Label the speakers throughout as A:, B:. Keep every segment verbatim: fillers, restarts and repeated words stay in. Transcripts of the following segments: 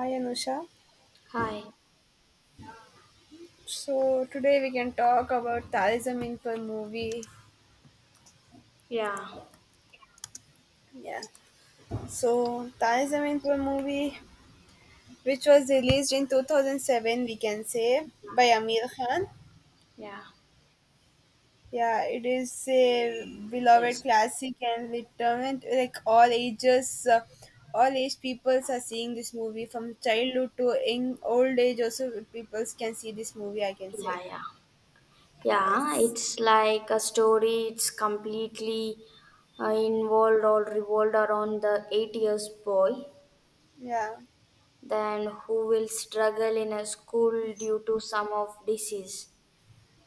A: Hi Anusha.
B: Hi.
A: So today we can talk about Tare Zameen Par movie.
B: Yeah.
A: Yeah. So Tare Zameen Par movie, which was released in two thousand seven, we can say by Amir Khan.
B: Yeah.
A: Yeah, it is a beloved
B: Yes.
A: classic and determined like all ages, uh, all age peoples are seeing this movie from childhood to in old age. Also, peoples can see this movie. I can say
B: Yeah, yeah. Yeah,
A: yes.
B: it's like a story. It's completely uh, involved or revolved around the eight years boy,
A: Yeah.
B: then who will struggle in a school due to some of disease.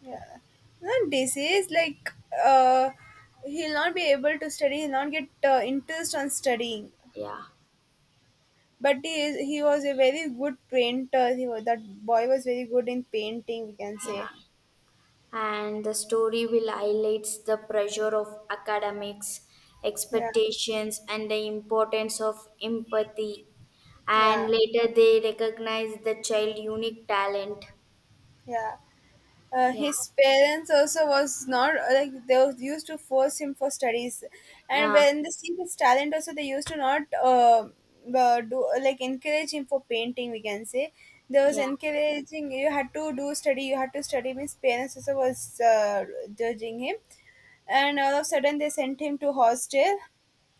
A: Yeah. Not disease, like uh, he'll not be able to study, he'll not get uh, interest on studying.
B: Yeah.
A: But he is, he was a very good painter. He was, that boy was very good in painting, we can
B: Yeah. Yeah.
A: say.
B: And the story will highlights the pressure of academics
A: Yeah,
B: expectations and the importance of empathy, and
A: yeah,
B: later they recognize the child unique talent.
A: yeah. Uh,
B: Yeah,
A: his parents also was not uh, like they was used to force him for studies, and
B: yeah,
A: when they see his talent also they used to not uh, uh, do uh, like encourage him for painting, we can say. There was
B: yeah,
A: encouraging, you had to do study, you had to study. His parents also was uh, judging him, and all of a sudden they sent him to hostel.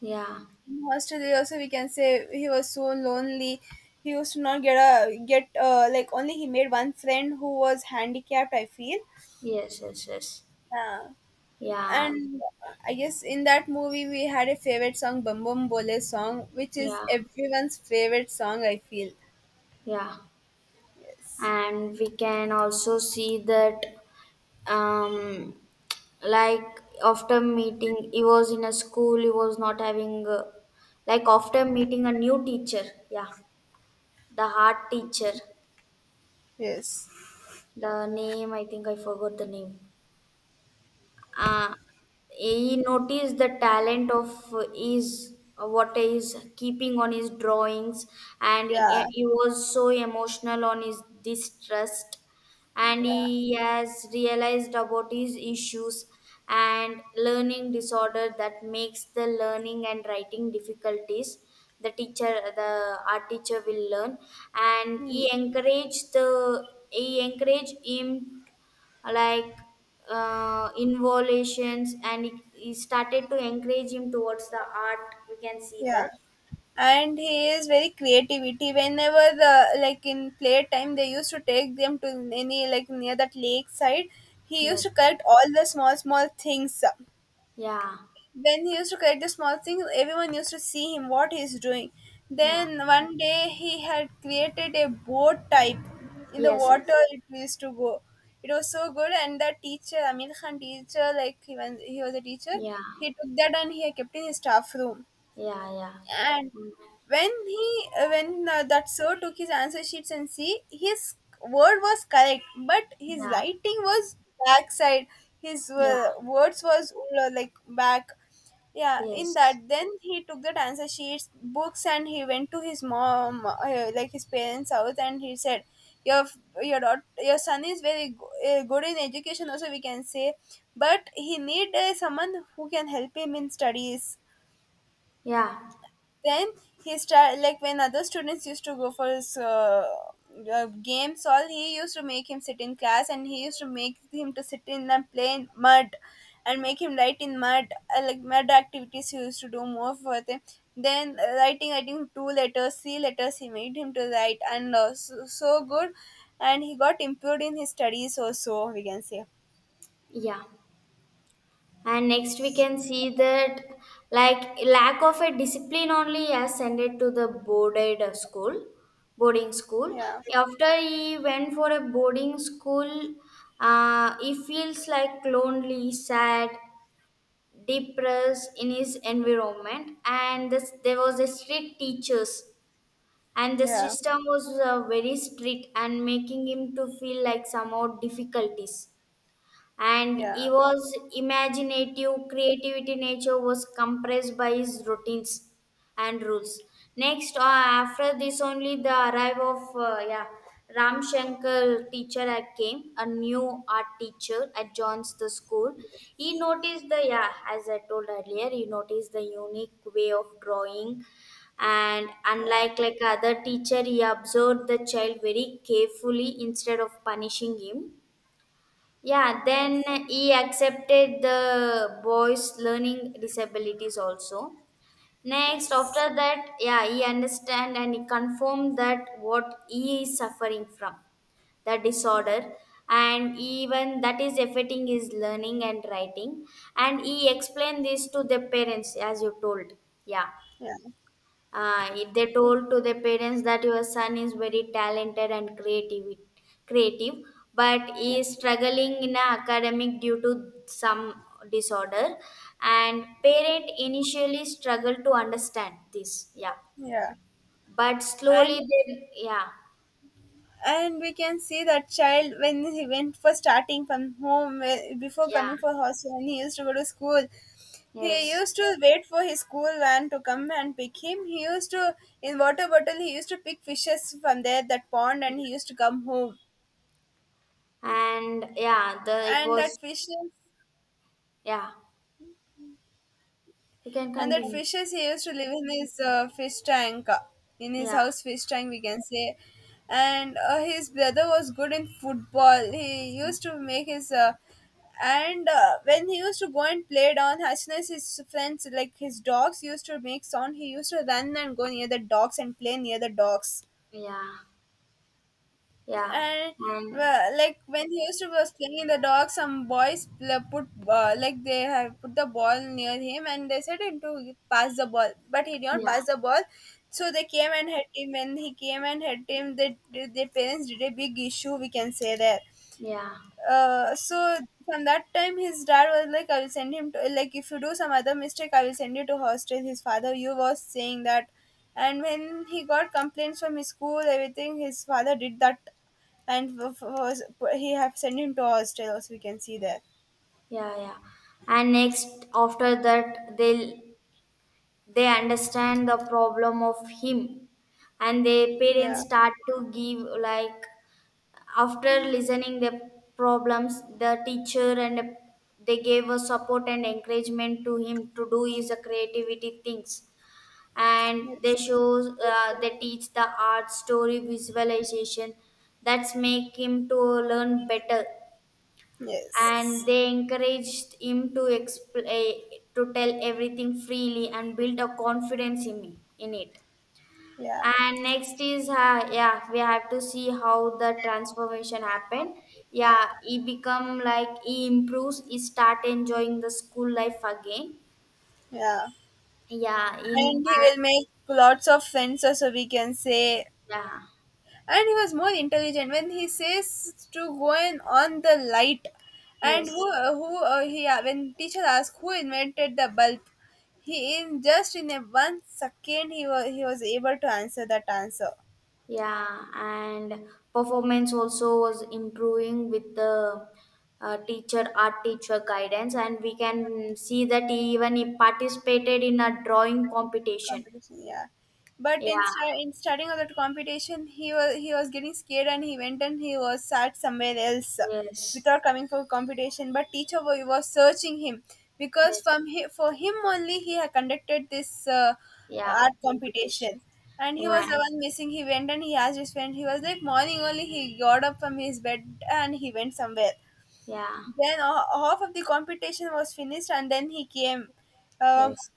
B: yeah.
A: In hostel they also we can say he was so lonely. He used to not get a get uh, like only he made one friend who was handicapped, I feel.
B: Yes, yes, yes.
A: Yeah.
B: Yeah,
A: And I guess in that movie we had a favorite song, Bum Bum Bole song, which is
B: yeah,
A: everyone's favorite song, I feel.
B: yeah.
A: Yes.
B: And we can also see that, um like after meeting he was in a school, he was not having, uh, like after meeting a new teacher. Yeah, the art teacher.
A: Yes.
B: The name, I think I forgot the name. uh, he noticed the talent of his, what he's keeping on his drawings. And he,
A: Yeah.
B: he was so emotional on his distrust, and
A: Yeah.
B: he has realized about his issues and learning disorder that makes the learning and writing difficulties. The teacher, the art teacher will learn, and he
A: Hmm.
B: encouraged the he encouraged him, like uh, involutions, and he, he started to encourage him towards the art, we can see
A: Yeah.
B: that.
A: And he is very creativity. Whenever the like in playtime they used to take them to any like near that lake side, he used
B: Yes,
A: to collect all the small small things.
B: yeah,
A: Then he used to collect the small things. Everyone used to see him what he's doing.
B: yeah,
A: Then one day he had created a boat type in the
B: yes,
A: water.
B: yes,
A: It used to go. It was so good, and the teacher, Amir Khan teacher, like he was, he was a teacher.
B: yeah,
A: He took that and he kept in his staff room,
B: yeah, yeah.
A: and
B: Mm.
A: when he when uh, that sir took his answer sheets and see his word was correct, but his
B: Yeah,
A: writing was backside. His uh,
B: yeah,
A: words was uh, like back, yeah. In that,
B: yes,
A: then he took that answer sheets books and he went to his mom, uh, like his parents house, and he said your your daughter, your son is very go- uh, good in education also, we can say, but he need uh, someone who can help him in studies.
B: yeah,
A: Then he start, like when other students used to go for his, uh, uh, games all, he used to make him sit in class, and he used to make him to sit in and play in mud and make him write in mud, uh, like mud activities he used to do more for them. Then uh, writing I think two letters three letters he made him to write, and uh, so, so good, and he got improved in his studies also, we can say.
B: yeah. And next we can see that, like lack of a discipline only has sent it to the boarded uh, school, boarding school.
A: Yeah.
B: After he went for a boarding school, uh, he feels like lonely, sad, depressed in his environment, and this, there was a strict teachers. And the
A: Yeah.
B: system was uh, very strict and making him to feel like somehow difficulties, and he
A: Yeah.
B: was imaginative creativity nature was compressed by his routines and rules. Next, uh, after this only, the arrival of uh, yeah, Ram Shankar teacher had came, a new art teacher at John's the school. He
A: Yes.
B: noticed the, yeah, as I told earlier, he noticed the unique way of drawing, and
A: Yeah.
B: unlike like other teacher, he observed the child very carefully instead of punishing him. Yeah, then
A: Yes.
B: he accepted the boy's learning disabilities also. Next,
A: Yes.
B: after that, yeah, he understand and he confirmed that what he is suffering from, the
A: Yeah.
B: disorder, and even that is affecting his learning and writing. And he explained this to the parents, as you told. Yeah. Uh, if they
A: Yeah.
B: told to the parents that your son is very talented and creative, creative, but he is struggling in a academic due to some disorder, and parent initially struggle to understand this. Yeah,
A: Yeah,
B: but
A: and
B: slowly they, yeah.
A: and we can see that child when he went for starting from home, eh, before
B: Yeah,
A: coming for hostel, and he used to go to school. He
B: yes,
A: used to wait for his school van to come and pick him. He used to in water bottle. He used to pick fishes from there that pond, and he used to come home.
B: and yeah the it
A: And
B: was,
A: that fishes
B: yeah, you can
A: And that
B: continue.
A: fishes he used to live in his uh, fish tank, uh, in his
B: Yeah,
A: house fish tank, we can say. And uh, his brother was good in football. He used to make his. Uh, and uh, when he used to go and play down Hashnas, his friends, like his dogs, used to make sound. He used to run and go near the dogs and play near the dogs,
B: yeah, yeah,
A: and
B: and
A: well, like when he used to was playing in the dog, some boys pl- put, uh, like they have put the ball near him and they said him to pass the ball, but he did not
B: yeah,
A: pass the ball. So they came and hit him. When he came and hit him, they, their parents did a big issue, we can say that.
B: yeah,
A: Uh, so from that time his dad was like I will send him to, like if you do some other mistake I will send you to hostel, his father you was saying that. And when he got complaints from his school everything his father did that, and f- f- was, he have sent him to hostel as we can see there.
B: yeah, yeah. And next after that, they they understand the problem of him, and their parents
A: Yeah.
B: start to give, like after listening the problems, the teacher, and they gave a support and encouragement to him to do his creativity things. And they
A: Yes.
B: shows, uh, they teach the art story visualization, that's make him to learn better. And
A: Yes.
B: they encouraged him to explain, to tell everything freely and build a confidence in me in it.
A: Yeah.
B: And next is, uh, yeah, we have to see how the transformation happened. Yeah, he become like he improves, he start enjoying the school life again.
A: Yeah.
B: Yeah, in and
A: And he will make lots of friends, so we can say.
B: yeah,
A: And he was more intelligent when he says to go in on the light. And
B: yes.
A: who uh, who uh, he uh, when teacher asks who invented the bulb, he in just in a one second he was he was able to answer that answer.
B: Yeah, and performance also was improving with the uh, teacher, art teacher guidance, and we can see that he even he participated in a drawing competition.
A: Competition, yeah. but in,
B: Yeah,
A: sta- in starting of that competition he was he was getting scared, and he went and he was sat somewhere else
B: yes,
A: without coming for competition. But teacher wa- was searching him, because
B: yes,
A: from hi, for him only he had conducted this uh,
B: yeah,
A: art
B: competition.
A: competition. And he
B: Yeah,
A: was the one missing. He went and he asked his friend, he was like morning only he got up from his bed and he went somewhere.
B: yeah,
A: Then uh, half of the competition was finished, and then he came, uh,
B: yes,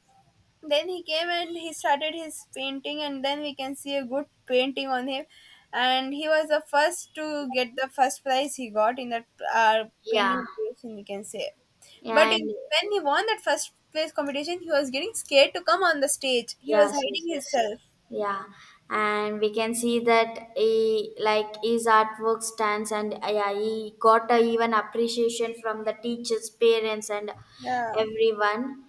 A: then he came and he started his painting, and then we can see a good painting on him. And he was the first to get the first prize he got in that uh,
B: yeah,
A: painting competition, we can say. but
B: and
A: in, when he won that first place competition, he was getting scared to come on the stage, he was
B: yes, yes,
A: hiding
B: yes.
A: himself.
B: Yeah, and we can see that he like his artwork stands, and uh, yeah, he got a even appreciation from the teachers, parents, and
A: Yeah.
B: everyone.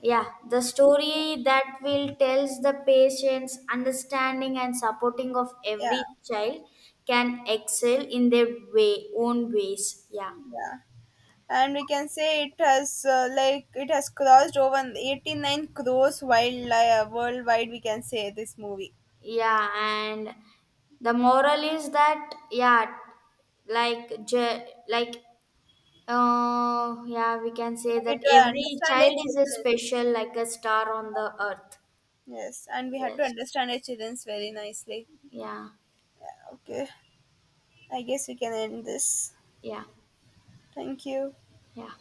B: Yeah, the story that will tells the patience, understanding, and supporting of every
A: Yeah.
B: child can excel in their way own ways. Yeah,
A: Yeah. And we can say it has uh, like it has crossed over eighty-nine crores wild, uh, worldwide, we can say this movie.
B: yeah, and the moral is that, yeah, like je- like Uh, yeah, we can say that
A: It uh,
B: every
A: understand
B: child
A: its.
B: is a special, like a star on the earth.
A: Yes, and we had to
B: Yes.
A: understand our childrens very nicely.
B: Yeah.
A: Okay, I guess we can end this.
B: Yeah.
A: Thank you.
B: Yeah.